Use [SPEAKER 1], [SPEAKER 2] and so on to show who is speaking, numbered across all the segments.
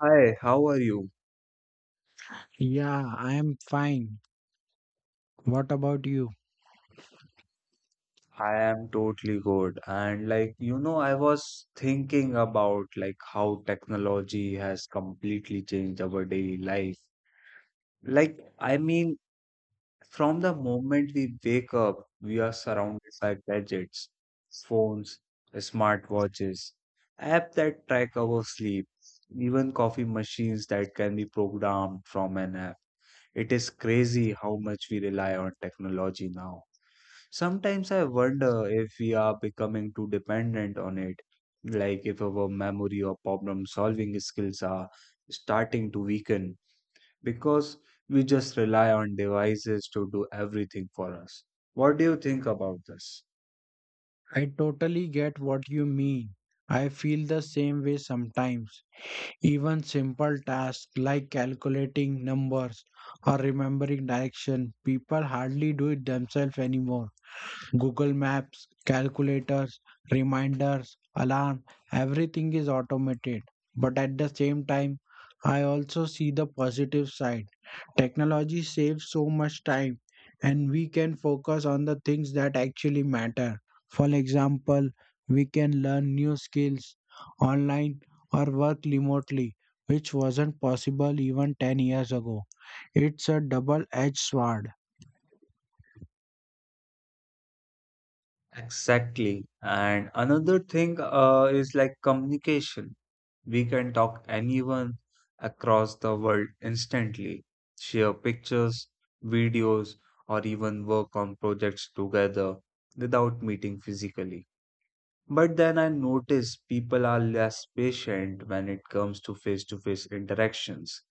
[SPEAKER 1] Hi, how are you?
[SPEAKER 2] Yeah, I am fine. What about you?
[SPEAKER 1] I am totally good. And like, I was thinking about like how technology has completely changed our daily life. Like, I mean, from the moment we wake up, we are surrounded by gadgets, phones, smartwatches, app that track our sleep, even coffee machines that can be programmed from an app. It is crazy how much we rely on technology now. Sometimes I wonder if we are becoming too dependent on it, like if our memory or problem solving skills are starting to weaken because we just rely on devices to do everything for us. What do you think about this?
[SPEAKER 2] I totally get what you mean. I feel the same way sometimes. Even simple tasks like calculating numbers or remembering direction, people hardly do it themselves anymore. Google Maps, calculators, reminders, alarm, everything is automated. But at the same time, I also see the positive side. Technology saves so much time and we can focus on the things that actually matter. For example, we can learn new skills online or work remotely, which wasn't possible even 10 years ago. It's a double edged sword.
[SPEAKER 1] Exactly. And another thing is like communication. We can talk anyone across the world instantly, share pictures, videos, or even work on projects together without meeting physically. But then I notice people are less patient when it comes to face-to-face interactions.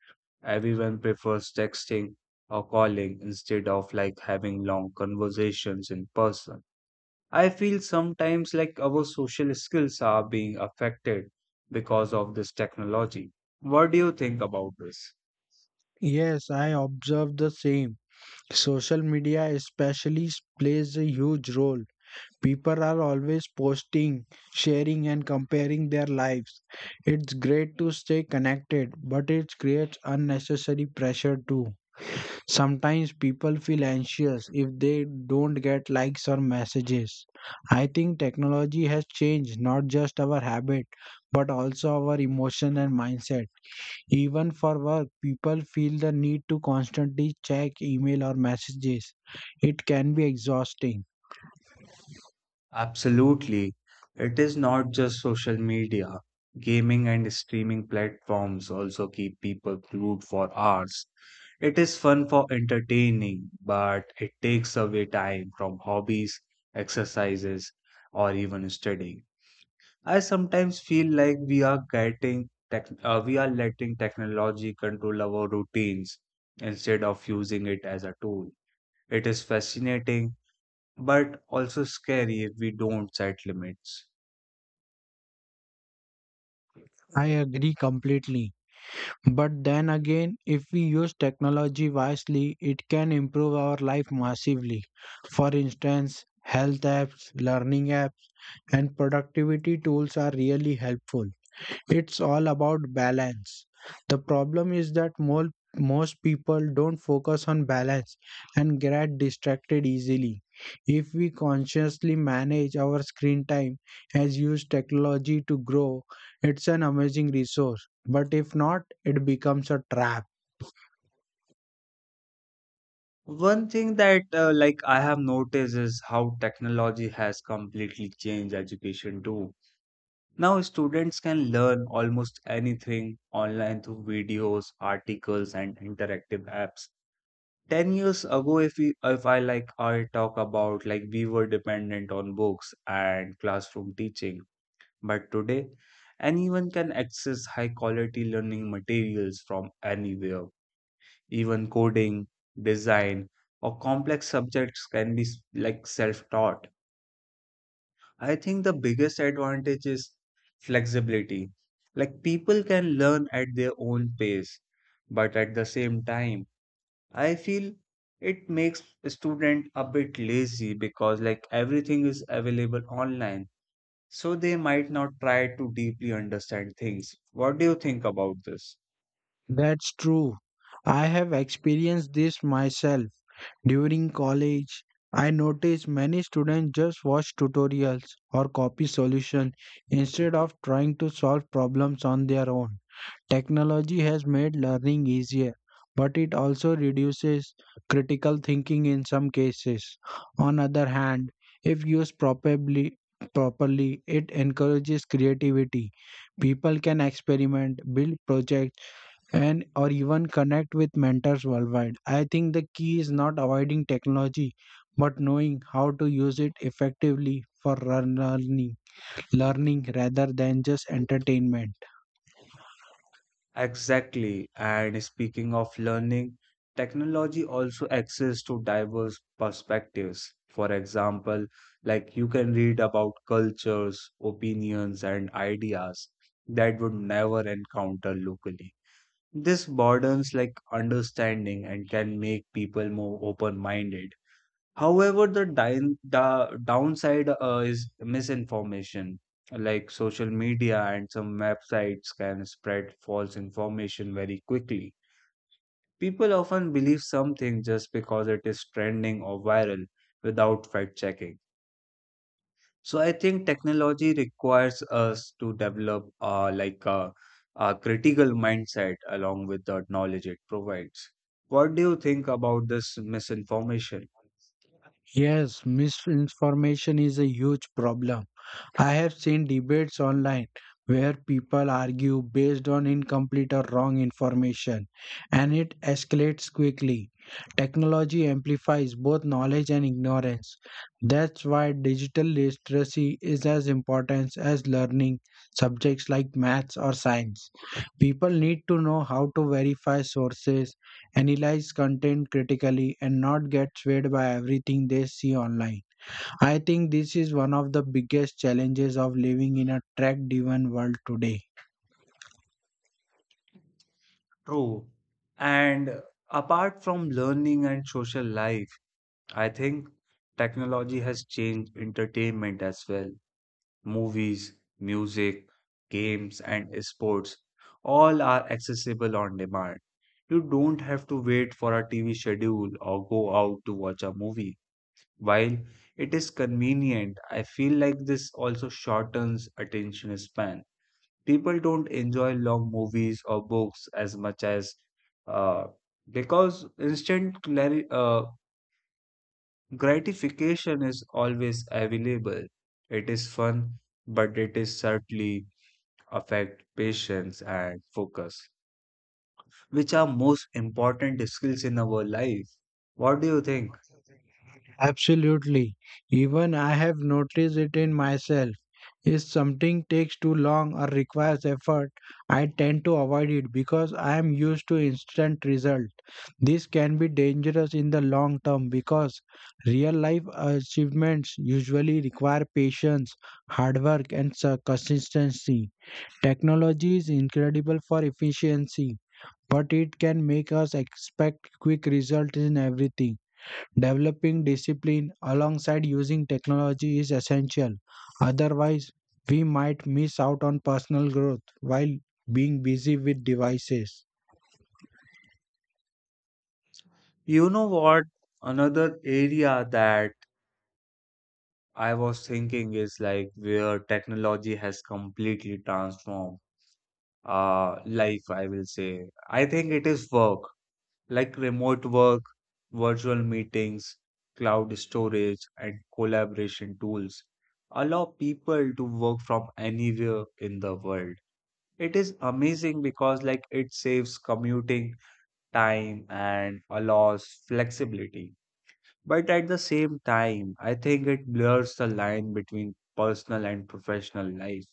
[SPEAKER 1] Everyone prefers texting or calling instead of like having long conversations in person. I feel sometimes like our social skills are being affected because of this technology. What do you think about this?
[SPEAKER 2] Yes, I observe the same. Social media especially plays a huge role. People are always posting, sharing and comparing their lives. It's great to stay connected, but it creates unnecessary pressure too. Sometimes people feel anxious if they don't get likes or messages. I think technology has changed not just our habit, but also our emotion and mindset. Even for work, people feel the need to constantly check email or messages. It can be exhausting.
[SPEAKER 1] Absolutely. It is not just social media. Gaming and streaming platforms also keep people glued for hours. It is fun for entertaining, but it takes away time from hobbies, exercises, or even studying. I sometimes feel like we are letting technology control our routines instead of using it as a tool. It is fascinating, but also scary if we don't set limits.
[SPEAKER 2] I agree completely. But then again, if we use technology wisely, it can improve our life massively. For instance, health apps, learning apps, and productivity tools are really helpful. It's all about balance. The problem is that most people don't focus on balance and get distracted easily. If we consciously manage our screen time as use technology to grow, it's an amazing resource. But if not, it becomes a trap.
[SPEAKER 1] One thing that like I have noticed is how technology has completely changed education too. Now students can learn almost anything online through videos, articles, and interactive apps. 10 years ago, if I, like I talk about, like we were dependent on books and classroom teaching. But today, anyone can access high quality learning materials from anywhere, even coding, design, or complex subjects can be like self taught. I think the biggest advantage is flexibility, like people can learn at their own pace. But at the same time, I feel it makes student a bit lazy because like everything is available online, so they might not try to deeply understand things. What do you think about this?
[SPEAKER 2] That's true. I have experienced this myself. During college, I noticed many students just watch tutorials or copy solutions instead of trying to solve problems on their own. Technology has made learning easier, but it also reduces critical thinking in some cases. On other hand, if used properly, properly, it encourages creativity. People can experiment, build projects, and or even connect with mentors worldwide. I think the key is not avoiding technology but knowing how to use it effectively for learning rather than just entertainment.
[SPEAKER 1] Exactly. And speaking of learning, technology also access to diverse perspectives. For example, like you can read about cultures, opinions, and ideas that would never encounter locally. This broadens like understanding and can make people more open-minded. However, the downside is misinformation. Like social media and some websites can spread false information very quickly. People often believe something just because it is trending or viral without fact-checking. So I think technology requires us to develop like a critical mindset along with the knowledge it provides. What do you think about this misinformation?
[SPEAKER 2] Yes, misinformation is a huge problem. I have seen debates online where people argue based on incomplete or wrong information, and it escalates quickly. Technology amplifies both knowledge and ignorance. That's why digital literacy is as important as learning subjects like maths or science. People need to know how to verify sources, analyze content critically, and not get swayed by everything they see online. I think this is one of the biggest challenges of living in a tech driven world today.
[SPEAKER 1] True. And apart from learning and social life, I think technology has changed entertainment as well. Movies, music, games, and sports all are accessible on demand. You don't have to wait for a TV schedule or go out to watch a movie. While it is convenient, I feel like this also shortens attention span. People don't enjoy long movies or books as much as uh, because instant gratification is always available. It is fun, but it is certainly affect patience and focus, which are most important skills in our life. What do you think?
[SPEAKER 2] Absolutely. Even I have noticed it in myself. If something takes too long or requires effort, I tend to avoid it because I am used to instant result. This can be dangerous in the long term because real life achievements usually require patience, hard work and consistency. Technology is incredible for efficiency, but it can make us expect quick results in everything. Developing discipline alongside using technology is essential. Otherwise, we might miss out on personal growth while being busy with devices.
[SPEAKER 1] You know what? Another area that I was thinking is like where technology has completely transformed life, I will say. I think it is work, like remote work, virtual meetings, cloud storage, and collaboration tools allow people to work from anywhere in the world. It is amazing because like it saves commuting time and allows flexibility. But at the same time, I think it blurs the line between personal and professional life.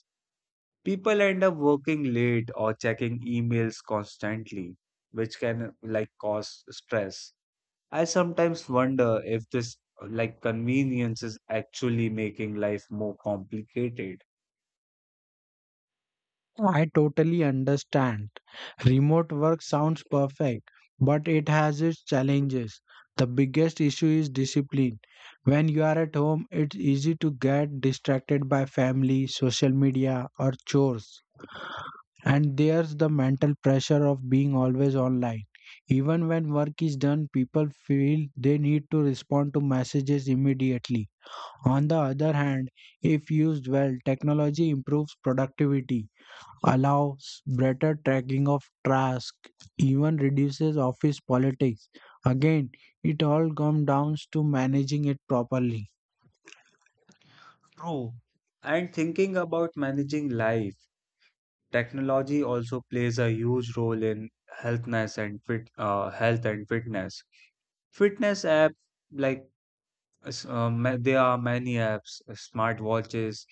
[SPEAKER 1] People end up working late or checking emails constantly, which can like cause stress. I sometimes wonder if this like convenience is actually making life more complicated.
[SPEAKER 2] I totally understand. Remote work sounds perfect, but it has its challenges. The biggest issue is discipline. When you are at home, it's easy to get distracted by family, social media, or chores. And there's the mental pressure of being always online. Even when work is done, people feel they need to respond to messages immediately. On the other hand, if used well, technology improves productivity, allows better tracking of tasks, even reduces office politics. Again, it all comes down to managing it properly.
[SPEAKER 1] True. And thinking about managing life, technology also plays a huge role in health and fitness. Fitness apps, like, there are many apps, smart watches,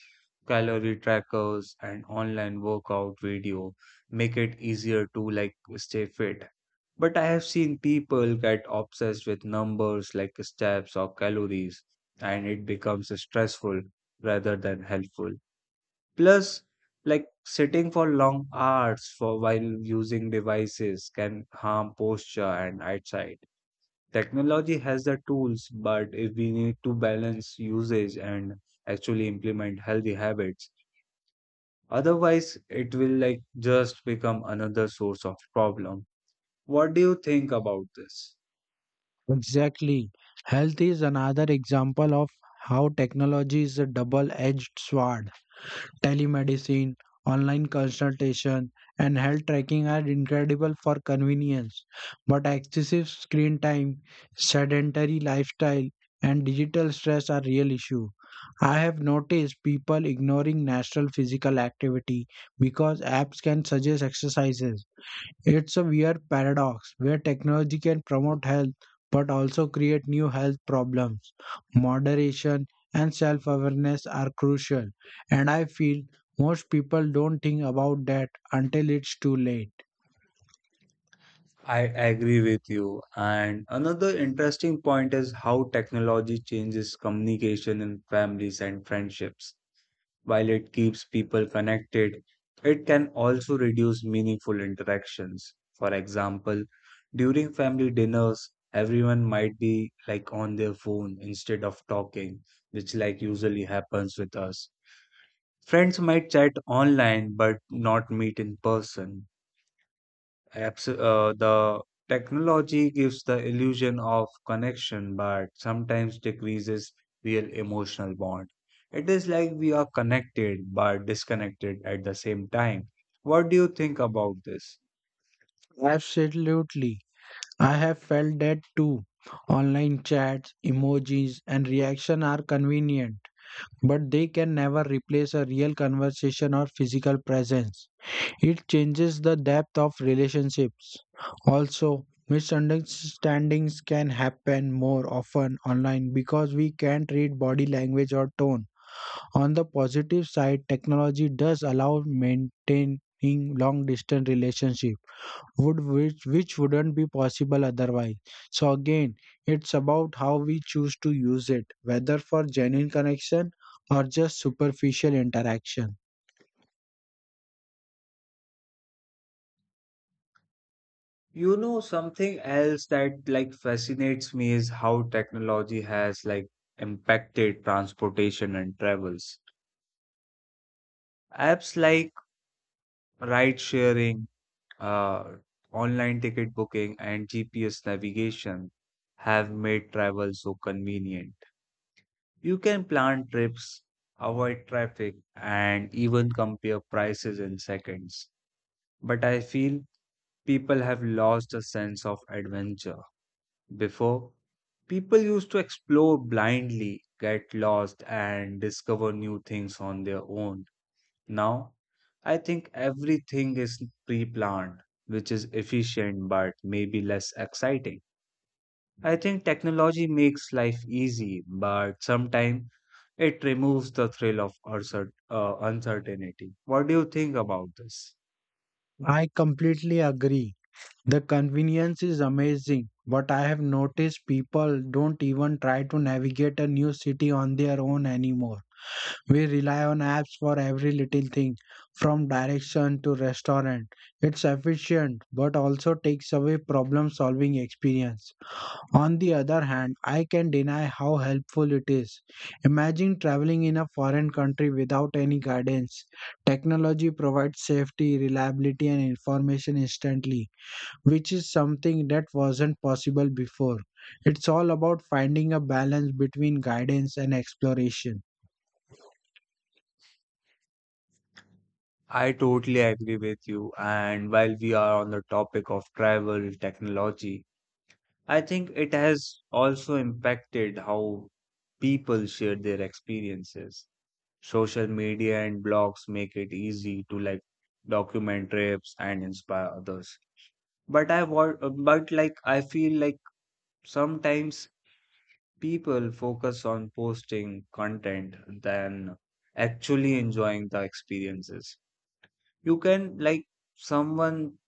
[SPEAKER 1] calorie trackers, and online workout video make it easier to like stay fit. But I have seen people get obsessed with numbers like steps or calories, and it becomes stressful rather than helpful. Plus, like sitting for long hours for while using devices can harm posture and eyesight. Technology has the tools, but if we need to balance usage and actually implement healthy habits, otherwise it will like just become another source of problem. What do you think about this?
[SPEAKER 2] Exactly. Health is another example of how technology is a double edged sword. Telemedicine, online consultation, and health tracking are incredible for convenience, but excessive screen time, sedentary lifestyle, and digital stress are real issue. I have noticed people ignoring natural physical activity because apps can suggest exercises. It's a weird paradox where technology can promote health but also create new health problems. Moderation and self awareness are crucial, and I feel most people don't think about that until it's too late.
[SPEAKER 1] I agree with you. And another interesting point is how technology changes communication in families and friendships. While it keeps people connected, it can also reduce meaningful interactions. For example, during family dinners, everyone might be like on their phone instead of talking, which like usually happens with us. Friends might chat online but not meet in person. The technology gives the illusion of connection, but sometimes decreases real emotional bond. It is like we are connected but disconnected at the same time. What do you think about this?
[SPEAKER 2] Absolutely. I have felt that too. Online chats, emojis, and reaction are convenient, but they can never replace a real conversation or physical presence. It changes the depth of relationships. Also, misunderstandings can happen more often online because we can't read body language or tone. On the positive side, technology does allow maintaining long distance relationship which wouldn't be possible otherwise. So again, it's about how we choose to use it, whether for genuine connection or just superficial interaction.
[SPEAKER 1] You know, something else that like fascinates me is how technology has like impacted transportation and travels. Apps like ride sharing uh, online ticket booking and GPS navigation have made travel so convenient. You can plan trips, avoid traffic, and even compare prices in seconds. But I feel people have lost a sense of adventure. Before, people used to explore blindly, get lost, and discover new things on their own. Now, I think everything is pre planned, which is efficient but maybe less exciting. I think technology makes life easy, but sometimes it removes the thrill of uncertainty. What do you think about this?
[SPEAKER 2] I completely agree. The convenience is amazing, but I have noticed people don't even try to navigate a new city on their own anymore. We rely on apps for every little thing, from direction to restaurant. It's efficient, but also takes away problem solving experience. On the other hand, I can deny how helpful it is. Imagine traveling in a foreign country without any guidance. Technology provides safety, reliability, and information instantly, which is something that wasn't possible before. It's all about finding a balance between guidance and exploration.
[SPEAKER 1] I totally agree with you. And while we are on the topic of travel technology, I think it has also impacted how people share their experiences. Social media and blogs make it easy to like document trips and inspire others. But I want, but like I feel like sometimes people focus on posting content than actually enjoying the experiences. You can like someone,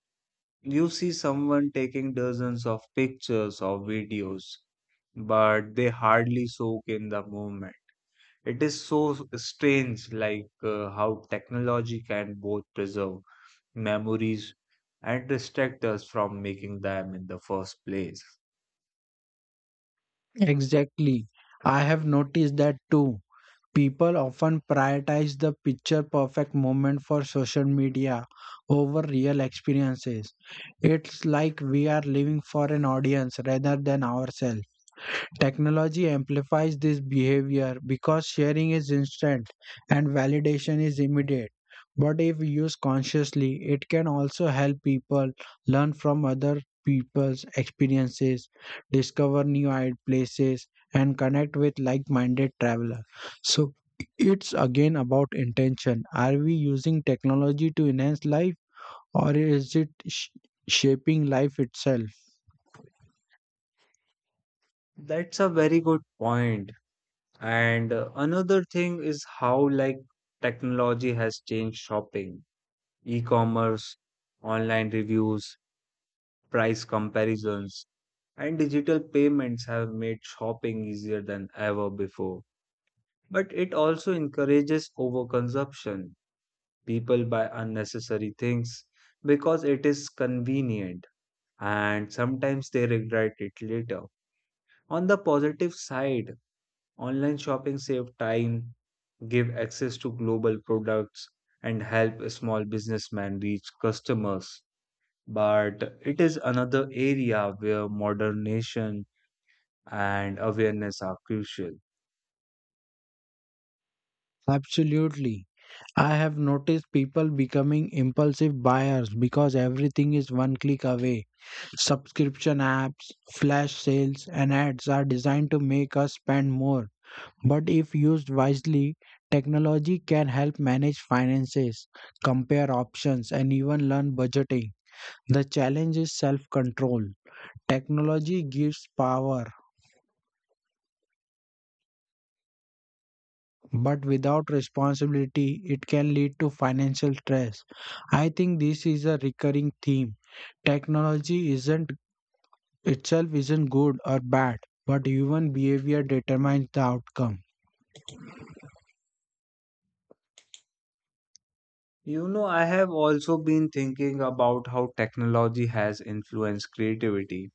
[SPEAKER 1] you see someone taking dozens of pictures or videos, but they hardly soak in the moment. It is so strange, like how technology can both preserve memories and distract us from making them in the first place.
[SPEAKER 2] Yeah. Exactly. I have noticed that too. People often prioritize the picture perfect moment for social media over real experiences. It's like we are living for an audience rather than ourselves. Technology amplifies this behavior because sharing is instant and validation is immediate. But if used consciously, it can also help people learn from other people's experiences, discover new places, and connect with like minded travelers. So it's again about intention. Are we using technology to enhance life or is it shaping life itself?
[SPEAKER 1] That's a very good point. And another thing is how, like, technology has changed shopping. E-commerce, online reviews, price comparisons, and digital payments have made shopping easier than ever before. But it also encourages overconsumption. People buy unnecessary things because it is convenient and sometimes they regret it later. On the positive side, online shopping saves time, give access to global products and help small businessmen reach customers. But it is another area where modernization and awareness are crucial.
[SPEAKER 2] Absolutely. I have noticed people becoming impulsive buyers because everything is one click away. Subscription apps, flash sales, and ads are designed to make us spend more. But if used wisely, technology can help manage finances, compare options, and even learn budgeting. The challenge is self control. Technology gives power, but without responsibility, it can lead to financial stress. I think this is a recurring theme. Technology isn't itself isn't good or bad, but human behavior determines the outcome.
[SPEAKER 1] You know, I have also been thinking about how technology has influenced creativity.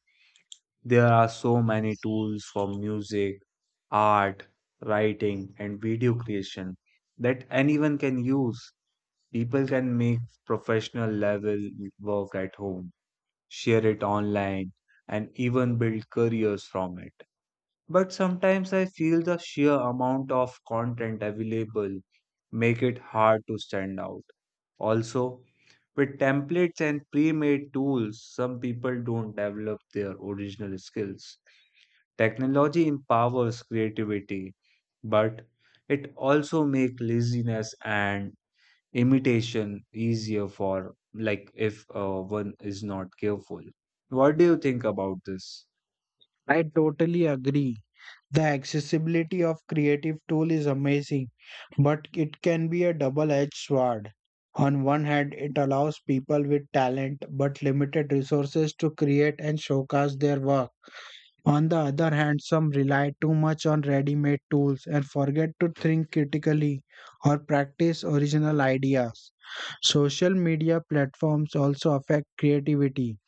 [SPEAKER 1] There are so many tools for music, art, writing, and video creation that anyone can use. People can make professional level work at home, share it online, and even build careers from it. But sometimes I feel the sheer amount of content available make it hard to stand out. Also, with templates and pre-made tools, some people don't develop their original skills. Technology empowers creativity, but it also makes laziness and imitation easier for like if one is not careful. What do you think about this?
[SPEAKER 2] I totally agree. The accessibility of creative tool is amazing, but it can be a double-edged sword. On one hand, it allows people with talent but limited resources to create and showcase their work. On the other hand, some rely too much on ready made tools and forget to think critically or practice original ideas. Social media platforms also affect creativity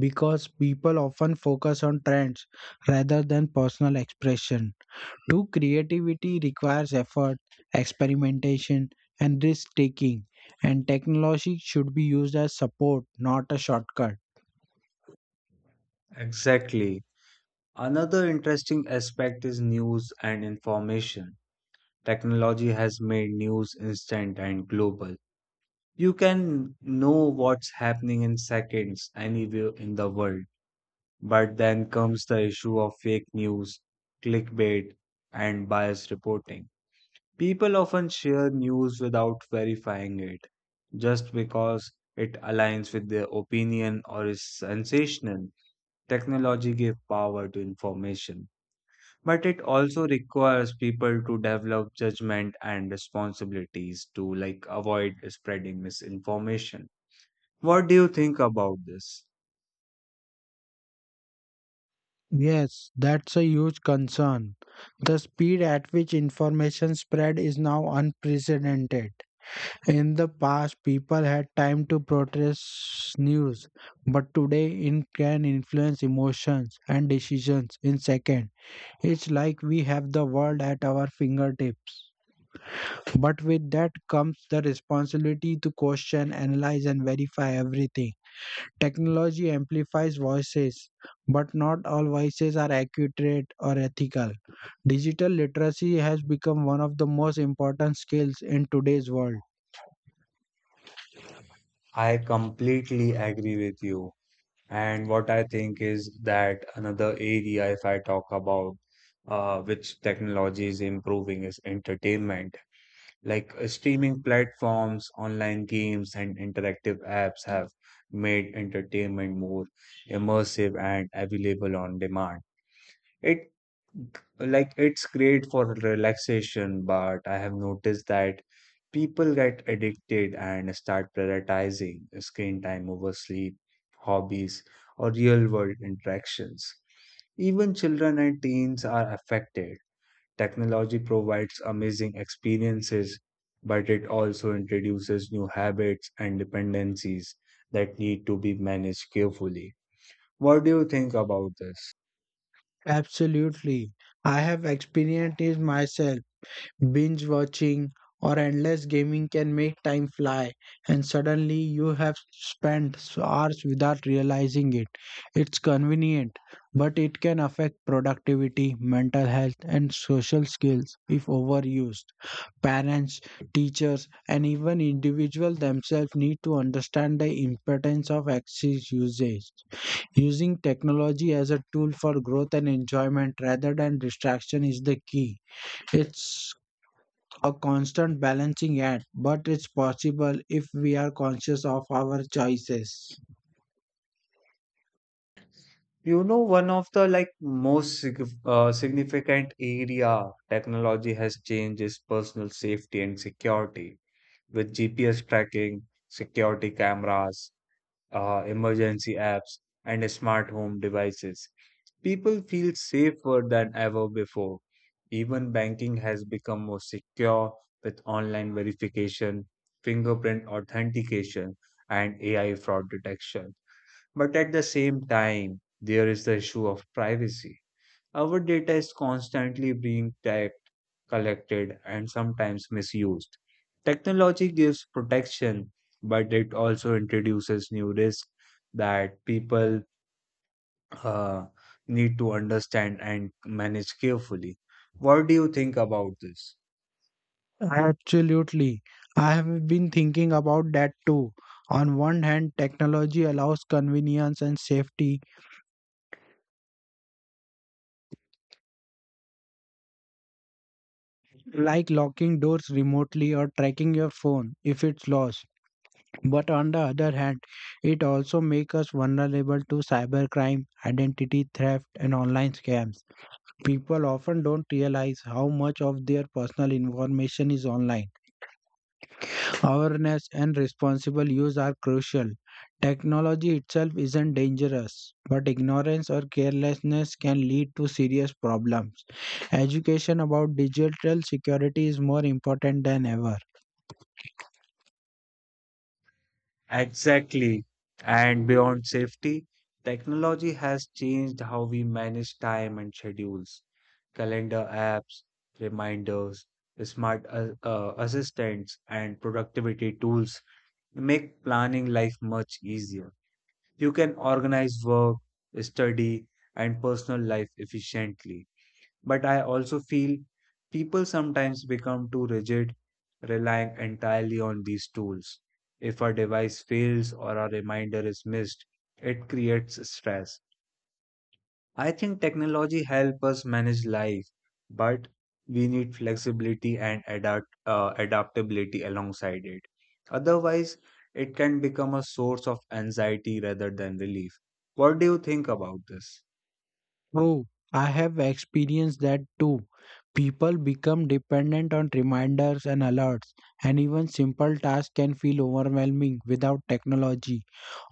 [SPEAKER 2] because people often focus on trends rather than personal expression. True creativity requires effort, experimentation, and risk taking, and technology should be used as support, not a shortcut.
[SPEAKER 1] Exactly. Another interesting aspect is news and information. Technology has made news instant and global. You can know what's happening in seconds anywhere in the world. But then comes the issue of fake news, clickbait, and biased reporting. People often share news without verifying it, just because it aligns with their opinion or is sensational. Technology gave power to information, but it also requires people to develop judgment and responsibilities to like avoid spreading misinformation. What do you think about this?
[SPEAKER 2] Yes, that's a huge concern. The speed at which information spread is now unprecedented. In the past, people had time to process news, but today it can influence emotions and decisions in seconds. It's like we have the world at our fingertips. But with that comes the responsibility to question, analyze, and verify everything. Technology amplifies voices, but not all voices are accurate or ethical. Digital literacy has become one of the most important skills in today's world.
[SPEAKER 1] I completely agree with you. And what I think is that another area, if I talk about which technology is improving, is entertainment. Like streaming platforms, online games, and interactive apps have made entertainment more immersive and available on demand. It it's great for relaxation, but I have noticed that people get addicted and start prioritizing screen time over sleep, hobbies, or real world interactions. Even children and teens are affected. Technology provides amazing experiences, but it also introduces new habits and dependencies that need to be managed carefully. What do you think about this?
[SPEAKER 2] Absolutely. I have experienced it myself. Binge watching or endless gaming can make time fly, and suddenly you have spent hours without realizing it. It's convenient, but it can affect productivity, mental health, and social skills if overused. Parents, teachers, and even individuals themselves need to understand the importance of excess usage. Using technology as a tool for growth and enjoyment rather than distraction is the key. It's a constant balancing act, but it's possible if we are conscious of our choices.
[SPEAKER 1] You know, one of the like most significant area technology has changed is personal safety and security with GPS tracking, security cameras, emergency apps, and smart home devices. People feel safer than ever before. Even banking has become more secure with online verification, fingerprint authentication, and AI fraud detection. But at the same time, there is the issue of privacy. Our data is constantly being typed, collected, and sometimes misused. Technology gives protection, but it also introduces new risks that people uh, need to understand and manage carefully. What do you think about this?
[SPEAKER 2] Absolutely. I have been thinking about that too. On one hand, technology allows convenience and safety, like locking doors remotely or tracking your phone if it's lost. But on the other hand, it also makes us vulnerable to cybercrime, identity theft, and online scams. People often don't realize how much of their personal information is online. Awareness and responsible use are crucial. Technology itself isn't dangerous, but ignorance or carelessness can lead to serious problems. Education about digital security is more important than ever.
[SPEAKER 1] Exactly. And beyond safety, technology has changed how we manage time and schedules. Calendar apps, reminders, smart assistants, and productivity tools make planning life much easier. You can organize work, study, and personal life efficiently. But I also feel people sometimes become too rigid, relying entirely on these tools. If a device fails or a reminder is missed, it creates stress. I think technology helps us manage life, but we need flexibility and adaptability alongside it. Otherwise, it can become a source of anxiety rather than relief. What do you think about this?
[SPEAKER 2] True, I have experienced that too. People become dependent on reminders and alerts, and even simple tasks can feel overwhelming without technology.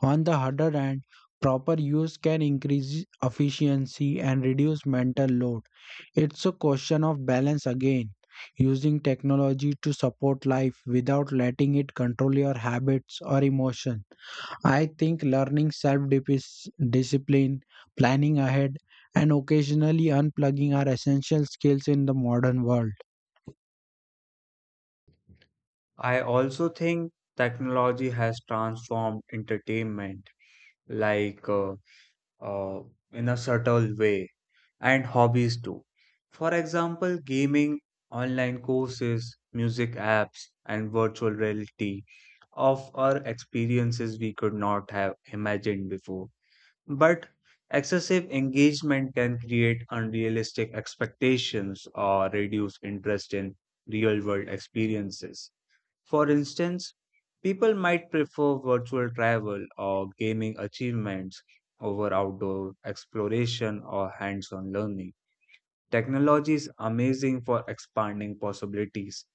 [SPEAKER 2] On the other hand, proper use can increase efficiency and reduce mental load. It's a question of balance again, using technology to support life without letting it control your habits or emotions. I think learning self discipline, planning ahead, and occasionally unplugging are essential skills in the modern world.
[SPEAKER 1] I also think technology has transformed entertainment, like uh, in a subtle way, and hobbies too. For example, gaming, online courses, music apps, and virtual reality offer experiences we could not have imagined before. But excessive engagement can create unrealistic expectations or reduce interest in real world experiences. For instance, people might prefer virtual travel or gaming achievements over outdoor exploration or hands on learning. Technology is amazing for expanding possibilities,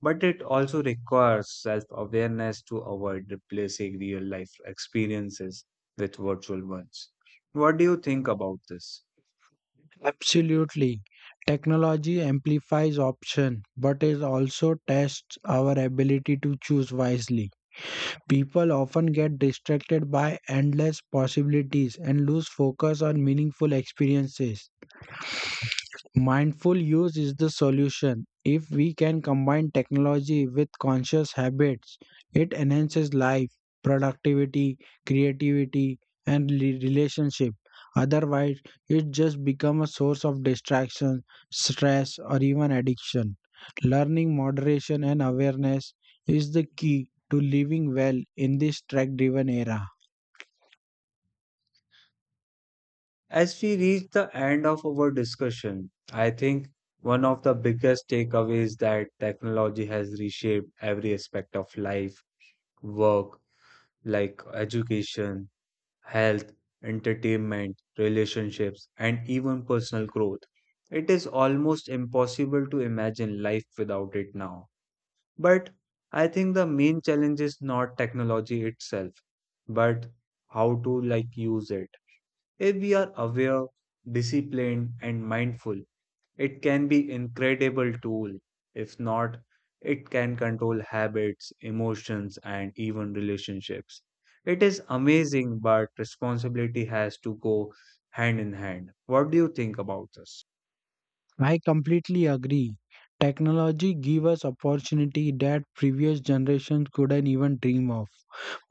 [SPEAKER 1] but it also requires self awareness to avoid replacing real life experiences with virtual ones. What do you think about this?
[SPEAKER 2] Absolutely. Technology amplifies option, but it also tests our ability to choose wisely. People often get distracted by endless possibilities and lose focus on meaningful experiences. Mindful use is the solution. If we can combine technology with conscious habits, it enhances life, productivity, creativity, and relationship. Otherwise, it just becomes a source of distraction, stress, or even addiction. Learning moderation and awareness is the key to living well in this tech driven era.
[SPEAKER 1] As we reach the end of our discussion, I think one of the biggest takeaways is that technology has reshaped every aspect of life, work, like education, health, entertainment, relationships, and even personal growth. It is almost impossible to imagine life without it now. But I think the main challenge is not technology itself, but how to like use it. If we are aware, disciplined, and mindful, it can be incredible tool. If not, it can control habits, emotions, and even relationships. It is amazing, but responsibility has to go hand in hand. What do you think about this?
[SPEAKER 2] I completely agree. Technology gives us opportunity that previous generations couldn't even dream of,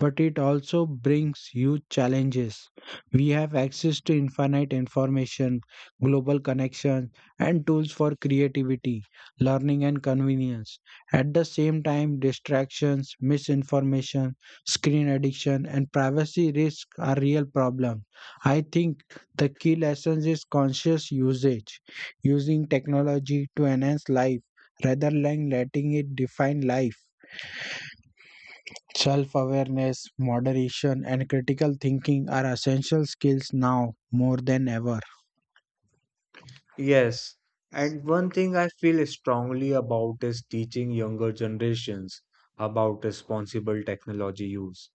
[SPEAKER 2] but it also brings huge challenges. We have access to infinite information, global connections, and tools for creativity, learning, and convenience. At the same time, distractions, misinformation, screen addiction, and privacy risks are real problems. I think the key lesson is conscious usage, using technology to enhance life rather than letting it define life. Self awareness, moderation, and critical thinking are essential skills now more than ever.
[SPEAKER 1] Yes, and one thing I feel strongly about is teaching younger generations about responsible technology use.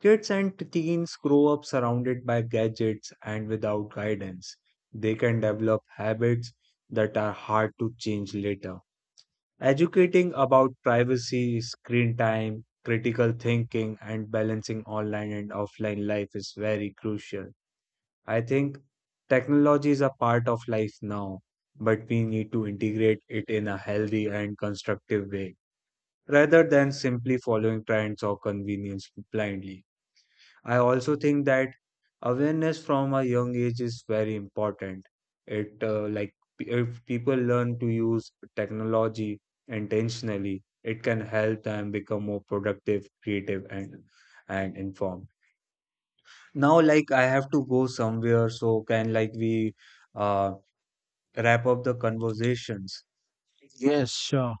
[SPEAKER 1] Kids and teens grow up surrounded by gadgets and without guidance. They can develop habits that are hard to change later. Educating about privacy, screen time, critical thinking, and balancing online and offline life is very crucial. I think technology is a part of life now, but we need to integrate it in a healthy and constructive way rather than simply following trends or convenience blindly. I also think that awareness from a young age is very important. If people learn to use technology intentionally, it can help them become more productive, creative, and informed. Now, like I have to go somewhere, so can like we uh, wrap up the conversations?
[SPEAKER 2] Yes, sure.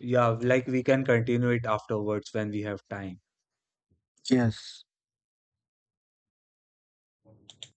[SPEAKER 1] Yeah, like we can continue it afterwards when we have time.
[SPEAKER 2] Yes.